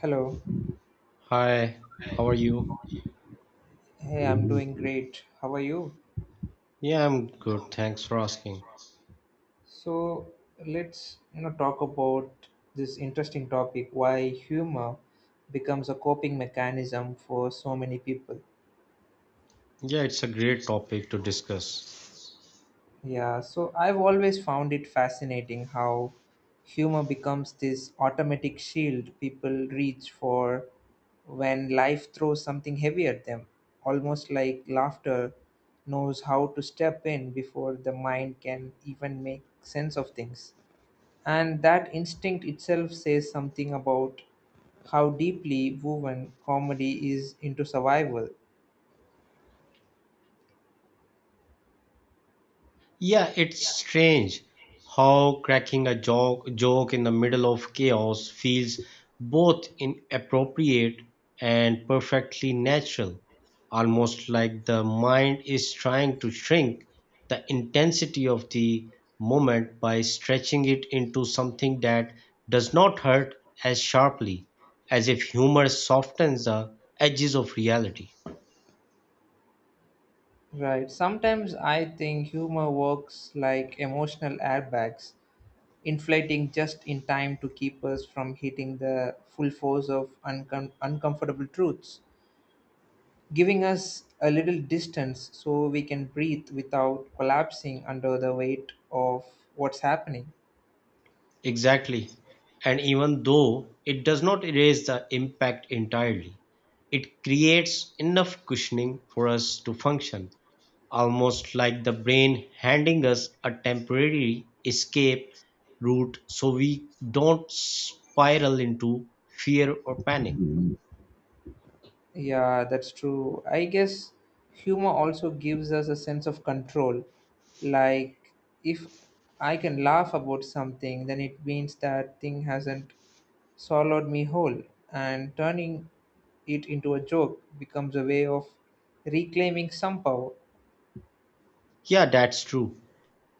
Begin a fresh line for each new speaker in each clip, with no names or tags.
Hello.
Hi, how are you?
Hey, I'm doing great. How are you?
Yeah, I'm good. Thanks for asking.
So let's talk about this interesting topic: why humor becomes a coping mechanism for so many people.
Yeah, it's a great topic to discuss.
Yeah. So I've always found it fascinating how humor becomes this automatic shield people reach for when life throws something heavy at them, almost like laughter knows how to step in before the mind can even make sense of things. And that instinct itself says something about how deeply woven comedy is into survival.
Yeah, it's strange how cracking a joke in the middle of chaos feels both inappropriate and perfectly natural, almost like the mind is trying to shrink the intensity of the moment by stretching it into something that does not hurt as sharply, as if humor softens the edges of reality.
Right. Sometimes I think humor works like emotional airbags, inflating just in time to keep us from hitting the full force of uncomfortable truths, giving us a little distance so we can breathe without collapsing under the weight of what's happening.
Exactly. And even though it does not erase the impact entirely, it creates enough cushioning for us to function, almost like the brain handing us a temporary escape route so we don't spiral into fear or panic.
Yeah, that's true. I guess humor also gives us a sense of control. Like, if I can laugh about something, then it means that thing hasn't swallowed me whole. And turning it into a joke becomes a way of reclaiming some power.
Yeah, that's true.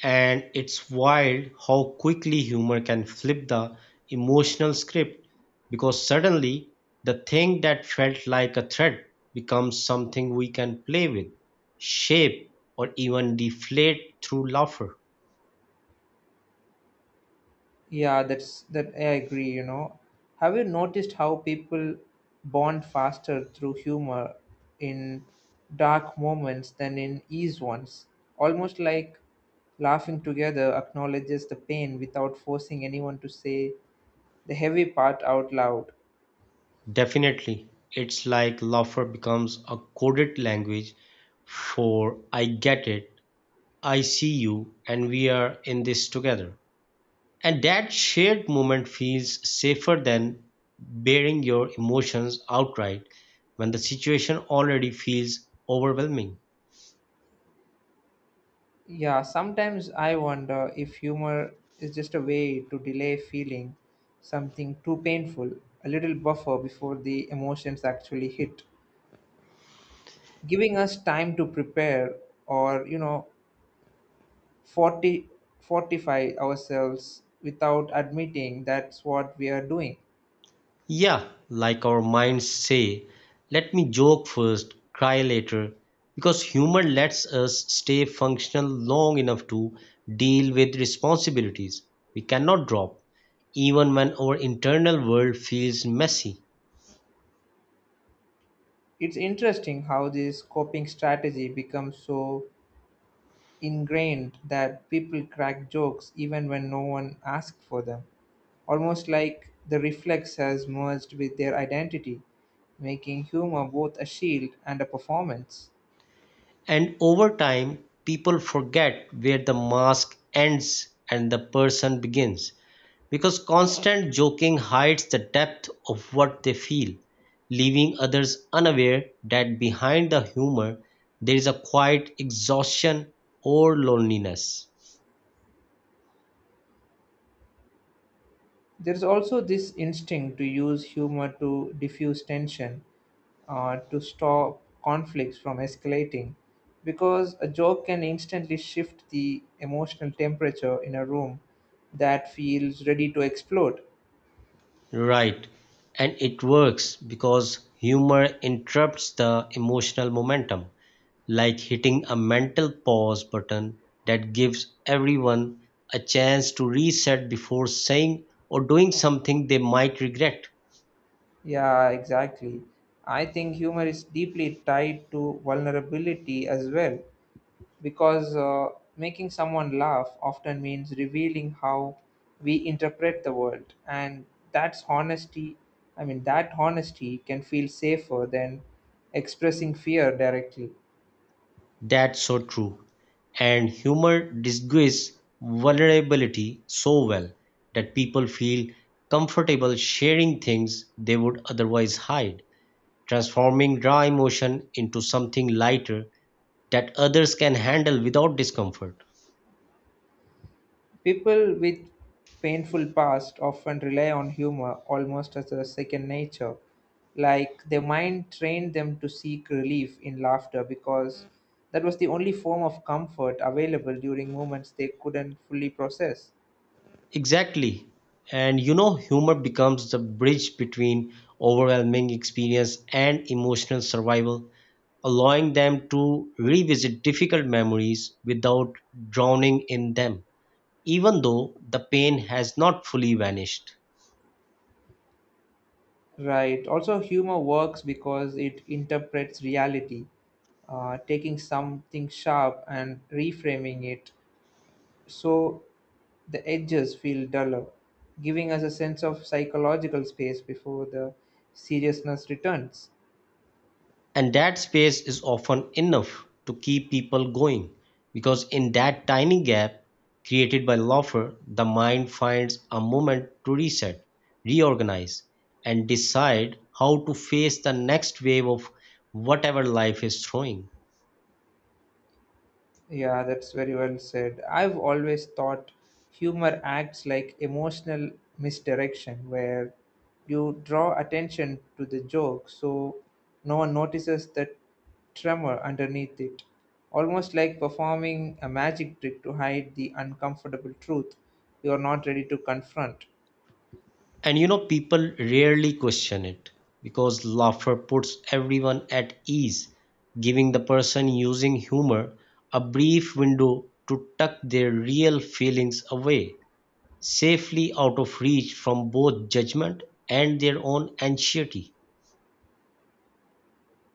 And it's wild how quickly humor can flip the emotional script because suddenly the thing that felt like a threat becomes something we can play with, shape, or even deflate through laughter.
Yeah, that's that, I agree. Have you noticed how people bond faster through humor in dark moments than in ease ones? Almost like laughing together acknowledges the pain without forcing anyone to say the heavy part out loud.
Definitely, it's like laughter becomes a coded language for I get it, I see you, and we are in this together. And that shared moment feels safer than bearing your emotions outright when the situation already feels overwhelming.
Yeah, sometimes I wonder if humor is just a way to delay feeling something too painful, a little buffer before the emotions actually hit. Giving us time to prepare or forti- fortify ourselves without admitting that's what we are doing.
Yeah, like our minds say, let me joke first, cry later, because humor lets us stay functional long enough to deal with responsibilities we cannot drop, even when our internal world feels messy.
It's interesting how this coping strategy becomes so ingrained that people crack jokes even when no one asks for them, almost like the reflex has merged with their identity, making humor both a shield and a performance.
And over time, people forget where the mask ends and the person begins because constant joking hides the depth of what they feel, leaving others unaware that behind the humor there is a quiet exhaustion or loneliness.
There is also this instinct to use humor to diffuse tension, to stop conflicts from escalating because a joke can instantly shift the emotional temperature in a room that feels ready to explode.
Right, and it works because humor interrupts the emotional momentum, like hitting a mental pause button that gives everyone a chance to reset before saying or doing something they might regret.
Yeah, exactly. I think humor is deeply tied to vulnerability as well because making someone laugh often means revealing how we interpret the world, and that's honesty. I mean, that honesty can feel safer than expressing fear directly.
That's so true. And humor disguises vulnerability so well that people feel comfortable sharing things they would otherwise hide, transforming raw emotion into something lighter that others can handle without discomfort.
People with painful past often rely on humor almost as a second nature. Like, their mind trained them to seek relief in laughter because that was the only form of comfort available during moments they couldn't fully process.
Exactly. And you know, humor becomes the bridge between overwhelming experience and emotional survival, allowing them to revisit difficult memories without drowning in them, even though the pain has not fully vanished.
Right. Also, humor works because it interprets reality, taking something sharp and reframing it, so the edges feel duller, giving us a sense of psychological space before the seriousness returns.
And that space is often enough to keep people going, because in that tiny gap created by laughter the mind finds a moment to reset, reorganize, and decide how to face the next wave of whatever life is throwing.
Yeah, that's very well said. I've always thought humor acts like emotional misdirection, where you draw attention to the joke so no one notices the tremor underneath it, almost like performing a magic trick to hide the uncomfortable truth you are not ready to confront.
And you know, people rarely question it because laughter puts everyone at ease, giving the person using humor a brief window to tuck their real feelings away safely out of reach from both judgment and their own anxiety.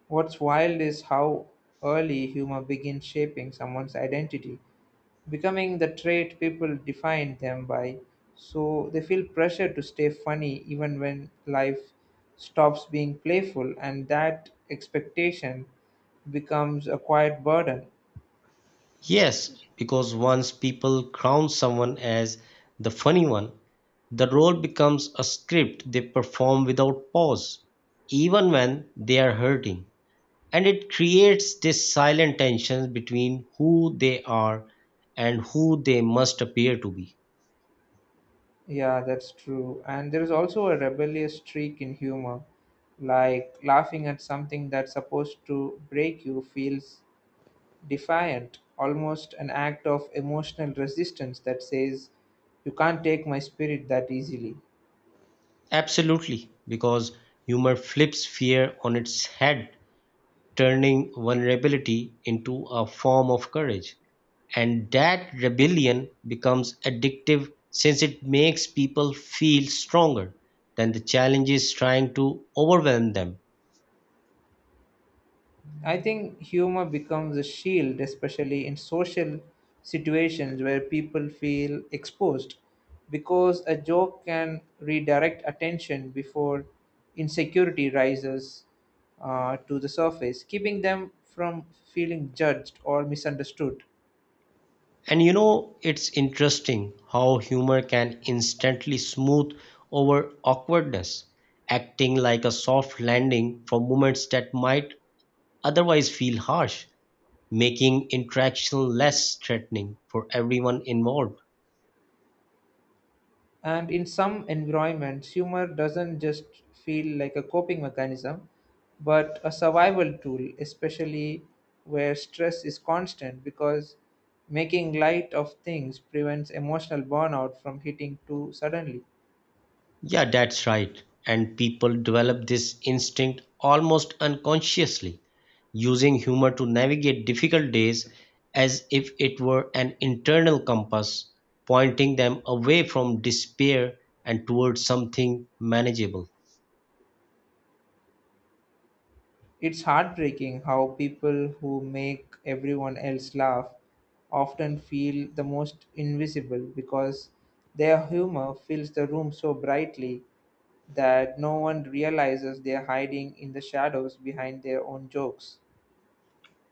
What's wild is how early humor begins shaping someone's identity, becoming the trait people define them by, so they feel pressure to stay funny even when life stops being playful, and that expectation becomes a quiet burden.
Yes, because once people crown someone as the funny one, the role becomes a script they perform without pause, even when they are hurting. And it creates this silent tension between who they are and who they must appear to be.
Yeah, that's true. And there is also a rebellious streak in humor, like laughing at something that's supposed to break you feels defiant, almost an act of emotional resistance that says, "You can't take my spirit that easily."
Absolutely, because humor flips fear on its head, turning vulnerability into a form of courage. And that rebellion becomes addictive since it makes people feel stronger than the challenges trying to overwhelm them.
I think humor becomes a shield, especially in social situations where people feel exposed, because a joke can redirect attention before insecurity rises, to the surface, keeping them from feeling judged or misunderstood.
And you know, it's interesting how humor can instantly smooth over awkwardness, acting like a soft landing for moments that might otherwise feel harsh, making interaction less threatening for everyone involved.
And in some environments, humor doesn't just feel like a coping mechanism, but a survival tool, especially where stress is constant, because making light of things prevents emotional burnout from hitting too suddenly.
Yeah, that's right. And people develop this instinct almost unconsciously, using humor to navigate difficult days as if it were an internal compass pointing them away from despair and towards something manageable.
It's heartbreaking how people who make everyone else laugh often feel the most invisible because their humor fills the room so brightly that no one realizes they're hiding in the shadows behind their own jokes.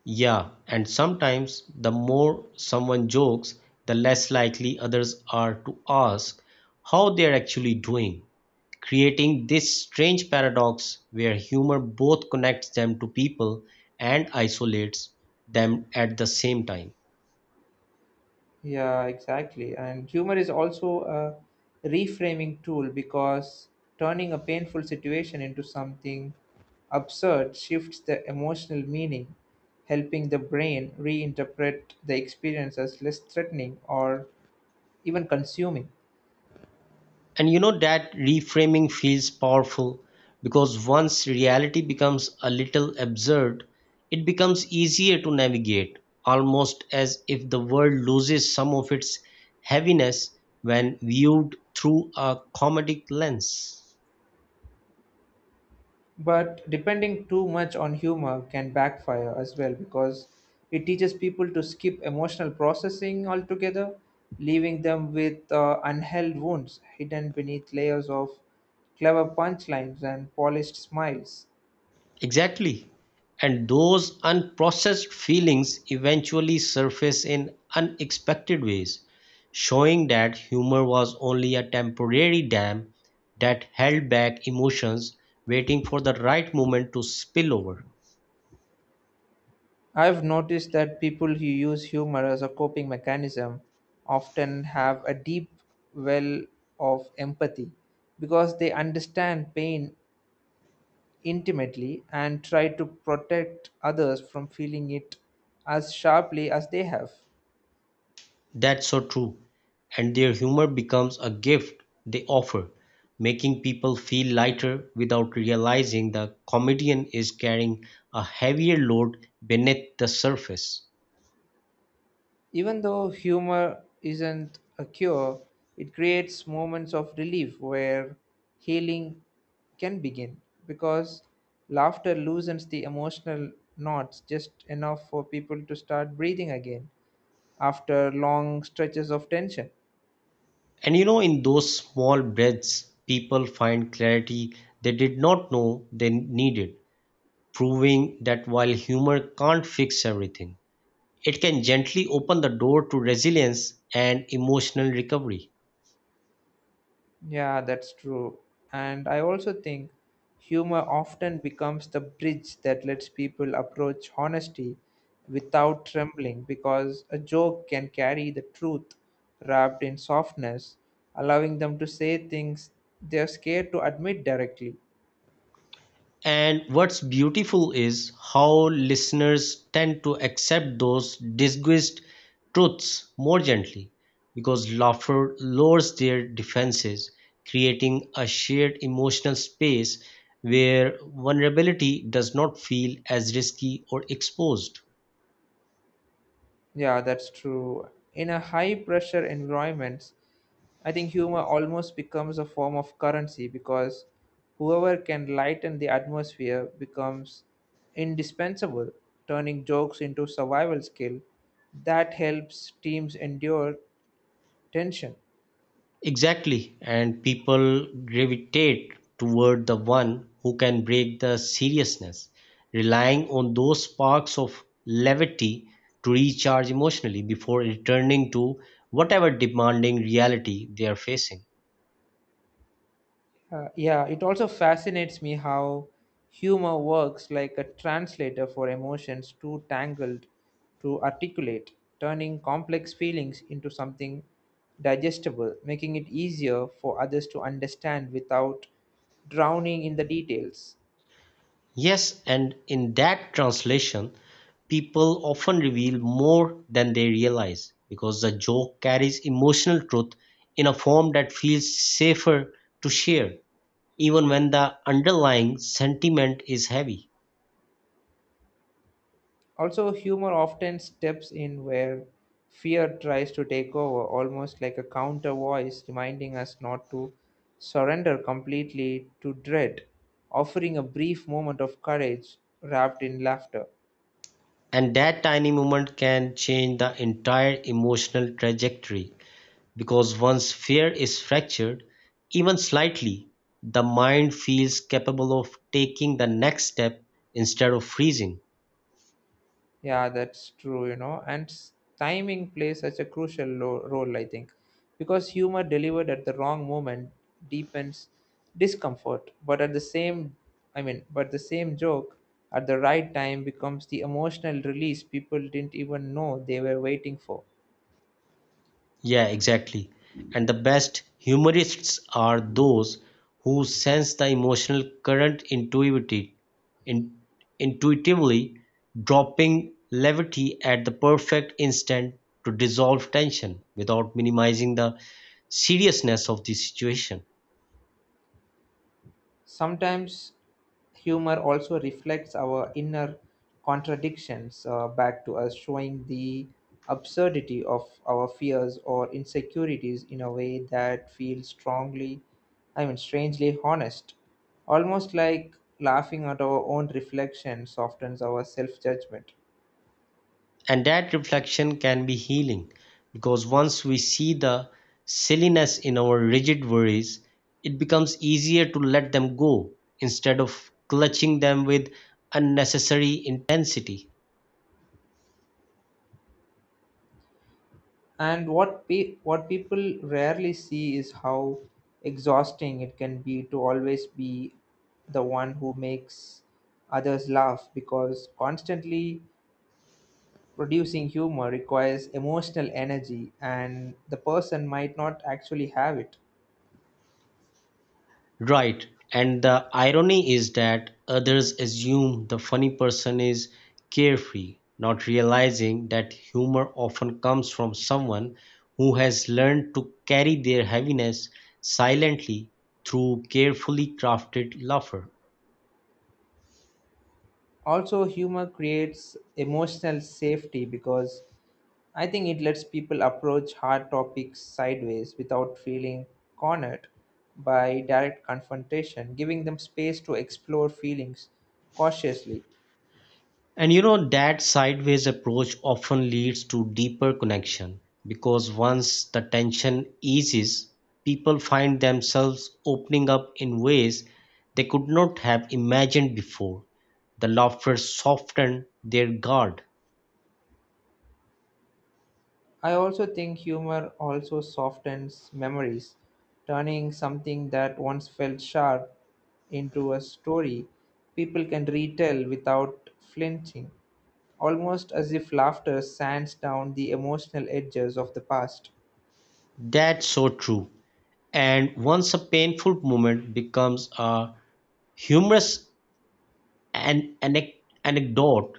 Yeah, and sometimes the more someone jokes, the less likely others are to ask how they're actually doing, creating this strange paradox where humor both connects them to people and isolates them at the same time.
Yeah, exactly. And humor is also a reframing tool because turning a painful situation into something absurd shifts the emotional meaning, helping the brain reinterpret the experience as less threatening or even consuming.
And you know, that reframing feels powerful because once reality becomes a little absurd, it becomes easier to navigate, almost as if the world loses some of its heaviness when viewed through a comedic lens.
But depending too much on humor can backfire as well, because it teaches people to skip emotional processing altogether, leaving them with unheld wounds hidden beneath layers of clever punchlines and polished smiles.
Exactly. And those unprocessed feelings eventually surface in unexpected ways, showing that humor was only a temporary dam that held back emotions, waiting for the right moment to spill over.
I've noticed that people who use humor as a coping mechanism often have a deep well of empathy because they understand pain intimately and try to protect others from feeling it as sharply as they have.
That's so true. And their humor becomes a gift they offer, making people feel lighter without realizing the comedian is carrying a heavier load beneath the surface.
Even though humor isn't a cure, it creates moments of relief where healing can begin, because laughter loosens the emotional knots just enough for people to start breathing again after long stretches of tension.
And you know, in those small breaths, people find clarity they did not know they needed, proving that while humor can't fix everything, it can gently open the door to resilience and emotional recovery.
Yeah, that's true. And I also think humor often becomes the bridge that lets people approach honesty without trembling, because a joke can carry the truth wrapped in softness, allowing them to say things they're scared to admit directly.
And what's beautiful is how listeners tend to accept those disguised truths more gently because laughter lowers their defenses, creating a shared emotional space where vulnerability does not feel as risky or exposed.
Yeah, that's true. In a high pressure environment, I think humor almost becomes a form of currency, because whoever can lighten the atmosphere becomes indispensable, turning jokes into survival skill that helps teams endure tension.
Exactly, and people gravitate toward the one who can break the seriousness, relying on those sparks of levity to recharge emotionally before returning to whatever demanding reality they are facing.
Yeah, it also fascinates me how humor works like a translator for emotions too tangled to articulate, turning complex feelings into something digestible, making it easier for others to understand without drowning in the details.
Yes, and in that translation, people often reveal more than they realize because the joke carries emotional truth in a form that feels safer to share, even when the underlying sentiment is heavy.
Also, humor often steps in where fear tries to take over, almost like a counter voice reminding us not to surrender completely to dread, offering a brief moment of courage wrapped in laughter.
And that tiny moment can change the entire emotional trajectory because once fear is fractured, even slightly, the mind feels capable of taking the next step instead of freezing.
Yeah, that's true, and timing plays such a crucial role, I think, because humor delivered at the wrong moment deepens discomfort, but at the same, I mean, but the same joke at the right time becomes the emotional release people didn't even know they were waiting for.
Yeah, exactly. And the best humorists are those who sense the emotional current in, intuitively, dropping levity at the perfect instant to dissolve tension without minimizing the seriousness of the situation.
Sometimes humor also reflects our inner contradictions, back to us, showing the absurdity of our fears or insecurities in a way that feels strongly, I mean, strangely honest. Almost like laughing at our own reflection softens our self judgment.
And that reflection can be healing because once we see the silliness in our rigid worries, it becomes easier to let them go instead of clutching them with unnecessary intensity.
And what what people rarely see is how exhausting it can be to always be the one who makes others laugh, because constantly producing humor requires emotional energy and the person might not actually have it.
Right, and the irony is that others assume the funny person is carefree, not realizing that humor often comes from someone who has learned to carry their heaviness silently through carefully crafted laughter.
Also, humor creates emotional safety because I think it lets people approach hard topics sideways without feeling cornered by direct confrontation, giving them space to explore feelings cautiously.
And you know, that sideways approach often leads to deeper connection because once the tension eases, people find themselves opening up in ways they could not have imagined before. The laughter softened their guard.
I also think humor also softens memories, turning something that once felt sharp into a story people can retell without flinching, almost as if laughter sands down the emotional edges of the past.
That's so true. And once a painful moment becomes a humorous anecdote,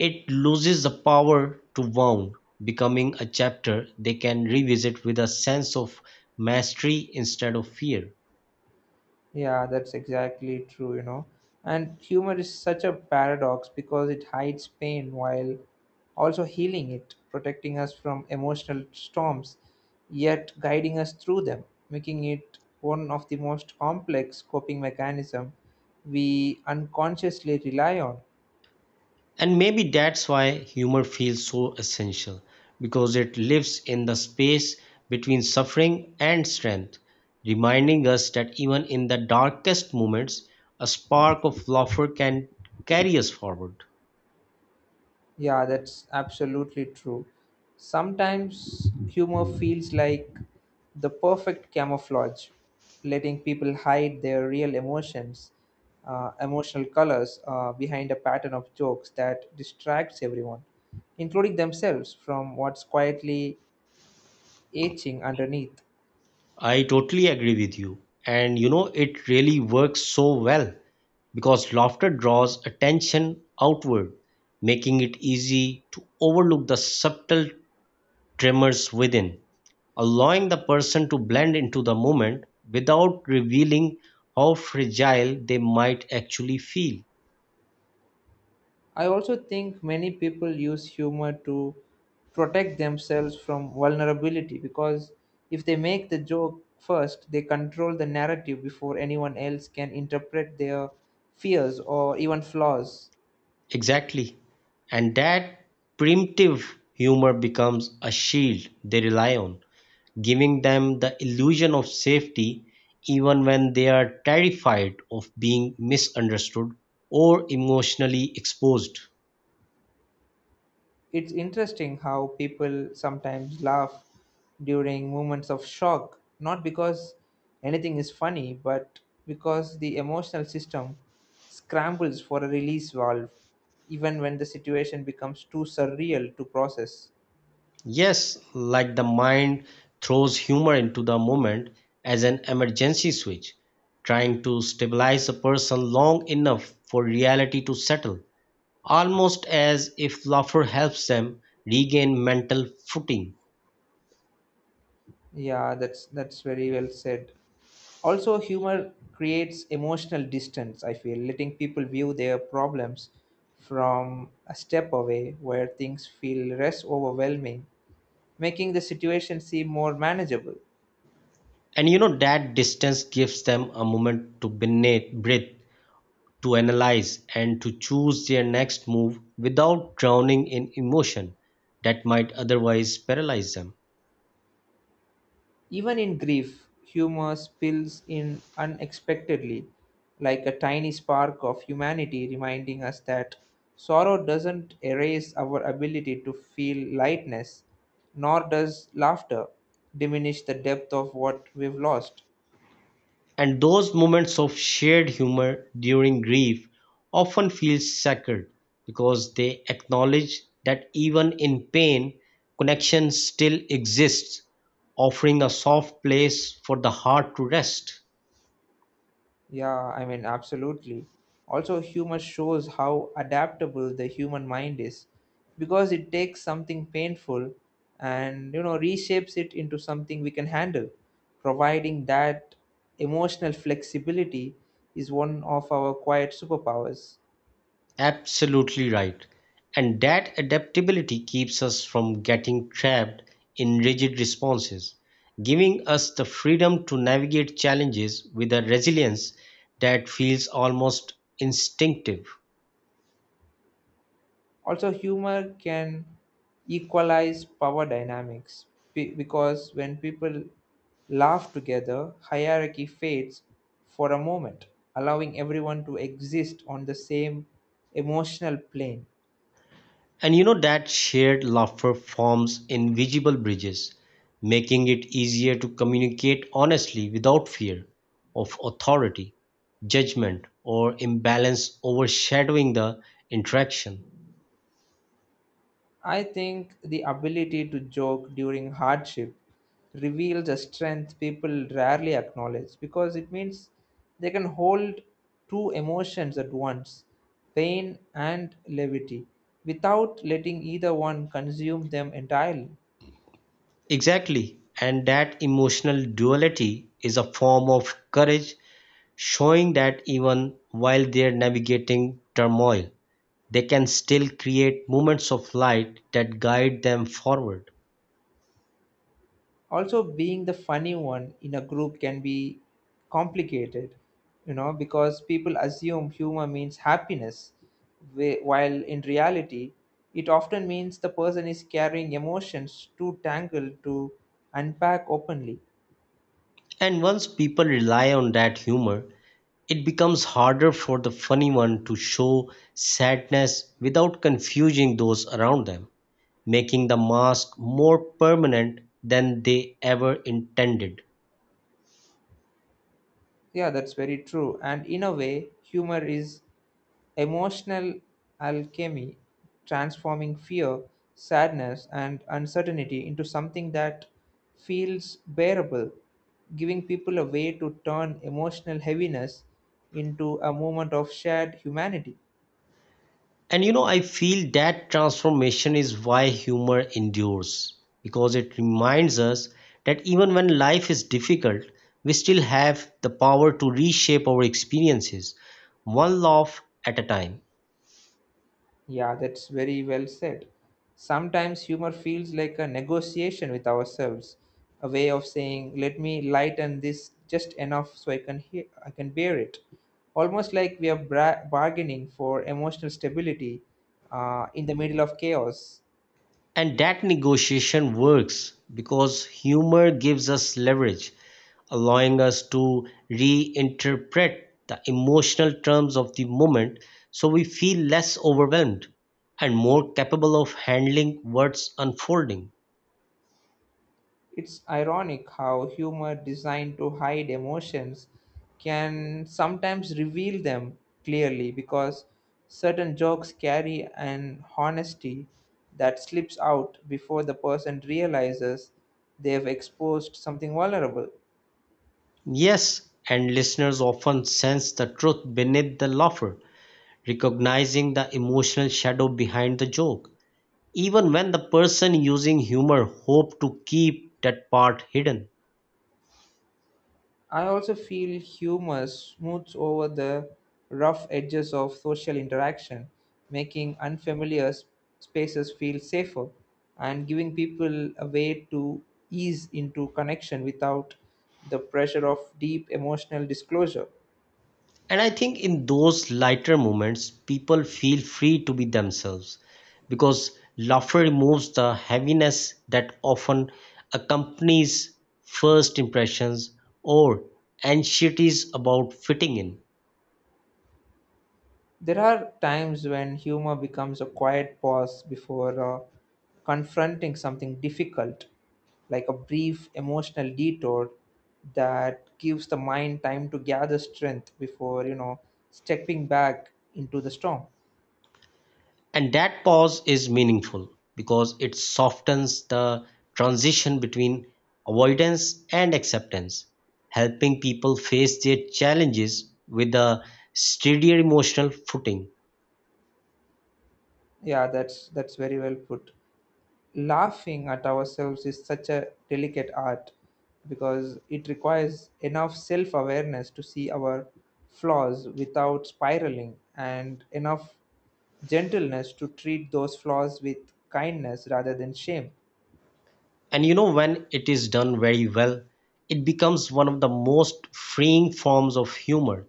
it loses the power to wound, becoming a chapter they can revisit with a sense of mastery instead of fear.
Yeah, that's exactly true. And humor is such a paradox, because it hides pain while also healing it, protecting us from emotional storms, yet guiding us through them, making it one of the most complex coping mechanism we unconsciously rely on.
And maybe that's why humor feels so essential, because it lives in the space between suffering and strength, reminding us that even in the darkest moments, a spark of laughter can carry us forward.
Yeah, that's absolutely true. Sometimes humor feels like the perfect camouflage, letting people hide their real emotions, emotional colors, behind a pattern of jokes that distracts everyone, including themselves, from what's quietly aching underneath.
I totally agree with you, and you know, it really works so well because laughter draws attention outward, making it easy to overlook the subtle tremors within, allowing the person to blend into the moment without revealing how fragile they might actually feel.
I also think many people use humor to protect themselves from vulnerability, because if they make the joke first, they control the narrative before anyone else can interpret their fears or even flaws.
Exactly. And that primitive humor becomes a shield they rely on, giving them the illusion of safety even when they are terrified of being misunderstood or emotionally exposed.
It's interesting how people sometimes laugh during moments of shock, not because anything is funny, but because the emotional system scrambles for a release valve, even when the situation becomes too surreal to process.
Yes, like the mind throws humor into the moment as an emergency switch, trying to stabilize a person long enough for reality to settle, almost as if laughter helps them regain mental footing.
Yeah, that's very well said. Also, humor creates emotional distance, I feel, letting people view their problems from a step away where things feel less overwhelming, making the situation seem more manageable.
And you know that distance gives them a moment to breathe, to analyze, and to choose their next move without drowning in emotion that might otherwise paralyze them.
Even in grief, humor spills in unexpectedly, like a tiny spark of humanity reminding us that sorrow doesn't erase our ability to feel lightness, nor does laughter diminish the depth of what we've lost.
And those moments of shared humor during grief often feel sacred because they acknowledge that even in pain, connection still exists, offering a soft place for the heart to rest.
Yeah, I mean, absolutely. Also, humor shows how adaptable the human mind is, because it takes something painful and, reshapes it into something we can handle. Providing that emotional flexibility is one of our quiet superpowers.
Absolutely right. And that adaptability keeps us from getting trapped in rigid responses, giving us the freedom to navigate challenges with a resilience that feels almost instinctive.
Also, humor can equalize power dynamics because when people laugh together, hierarchy fades for a moment, allowing everyone to exist on the same emotional plane.
And you know that shared laughter forms invisible bridges, making it easier to communicate honestly without fear of authority, judgment, or imbalance overshadowing the interaction.
I think the ability to joke during hardship reveals a strength people rarely acknowledge, because it means they can hold two emotions at once, pain and levity, without letting either one consume them entirely.
Exactly, and that emotional duality is a form of courage, showing that even while they're navigating turmoil, they can still create moments of light that guide them forward.
Also, being the funny one in a group can be complicated, because people assume humor means happiness, while in reality it often means the person is carrying emotions too tangled to unpack openly.
And once people rely on that humor, it becomes harder for the funny one to show sadness without confusing those around them, making the mask more permanent than they ever intended.
Yeah, that's very true, and in a way humor is emotional alchemy, transforming fear, sadness, and uncertainty into something that feels bearable, giving people a way to turn emotional heaviness into a moment of shared humanity.
And you know, I feel that transformation is why humor endures, because it reminds us that even when life is difficult, we still have the power to reshape our experiences, one laugh at a time.
Yeah, that's very well said. Sometimes humor feels like a negotiation with ourselves, a way of saying, "Let me lighten this just enough so I can bear it." Almost like we are bargaining for emotional stability, in the middle of chaos.
And that negotiation works because humor gives us leverage, allowing us to reinterpret the emotional terms of the moment so we feel less overwhelmed and more capable of handling what's unfolding.
It's ironic how humor designed to hide emotions can sometimes reveal them clearly, because certain jokes carry an honesty that slips out before the person realizes they've exposed something vulnerable.
Yes, and listeners often sense the truth beneath the laughter, recognizing the emotional shadow behind the joke, even when the person using humor hope to keep that part hidden.
I also feel humor smooths over the rough edges of social interaction, making unfamiliar spaces feel safer and giving people a way to ease into connection without the pressure of deep emotional disclosure.
And I think in those lighter moments, people feel free to be themselves because laughter removes the heaviness that often accompanies first impressions or anxieties about fitting in.
There are times when humor becomes a quiet pause before confronting something difficult, like a brief emotional detour that gives the mind time to gather strength before, stepping back into the storm.
And that pause is meaningful because it softens the transition between avoidance and acceptance, helping people face their challenges with a steadier emotional footing.
Yeah, that's very well put. Laughing at ourselves is such a delicate art, because it requires enough self awareness to see our flaws without spiraling and enough gentleness to treat those flaws with kindness rather than shame.
And you know, when it is done very well, it becomes one of the most freeing forms of humor,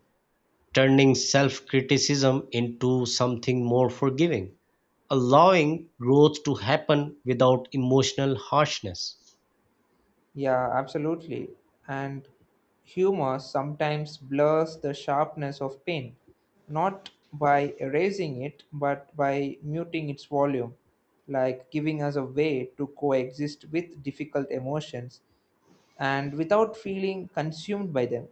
turning self criticism into something more forgiving, allowing growth to happen without emotional harshness.
Yeah, absolutely. And humor sometimes blurs the sharpness of pain, not by erasing it, but by muting its volume, like giving us a way to coexist with difficult emotions and without feeling consumed by them.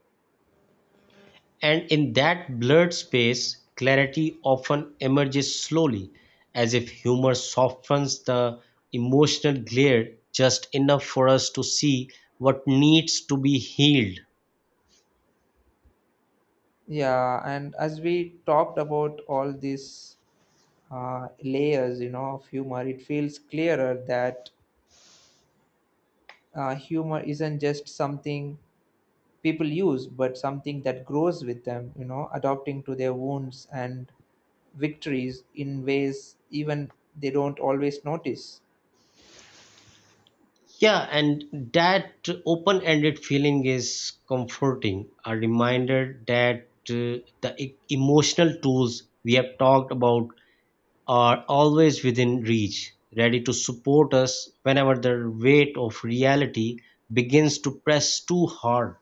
And in that blurred space, clarity often emerges slowly, as if humor softens the emotional glare just enough for us to see what needs to be healed.
Yeah, and as we talked about all these layers, of humor, it feels clearer that humor isn't just something people use, but something that grows with them, adapting to their wounds and victories in ways even they don't always notice.
Yeah, and that open ended feeling is comforting, a reminder that the emotional tools we have talked about are always within reach, ready to support us whenever the weight of reality begins to press too hard.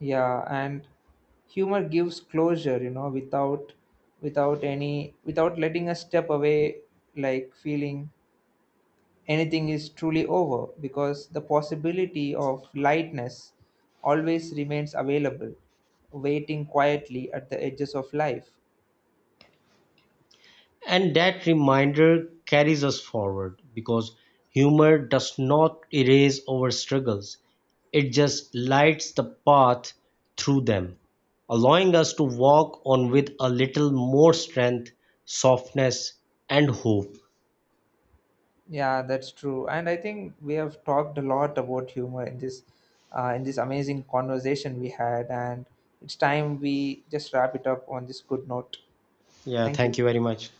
Yeah, and humor gives closure, without letting us step away, like feeling anything is truly over, because the possibility of lightness always remains available, waiting quietly at the edges of life.
And that reminder carries us forward because humor does not erase our struggles, it just lights the path through them, allowing us to walk on with a little more strength, softness, and hope.
Yeah, that's true. And I think we have talked a lot about humor in this amazing conversation we had, and it's time we just wrap it up on this good note.
Yeah,
Thank
thank
you.
you very much.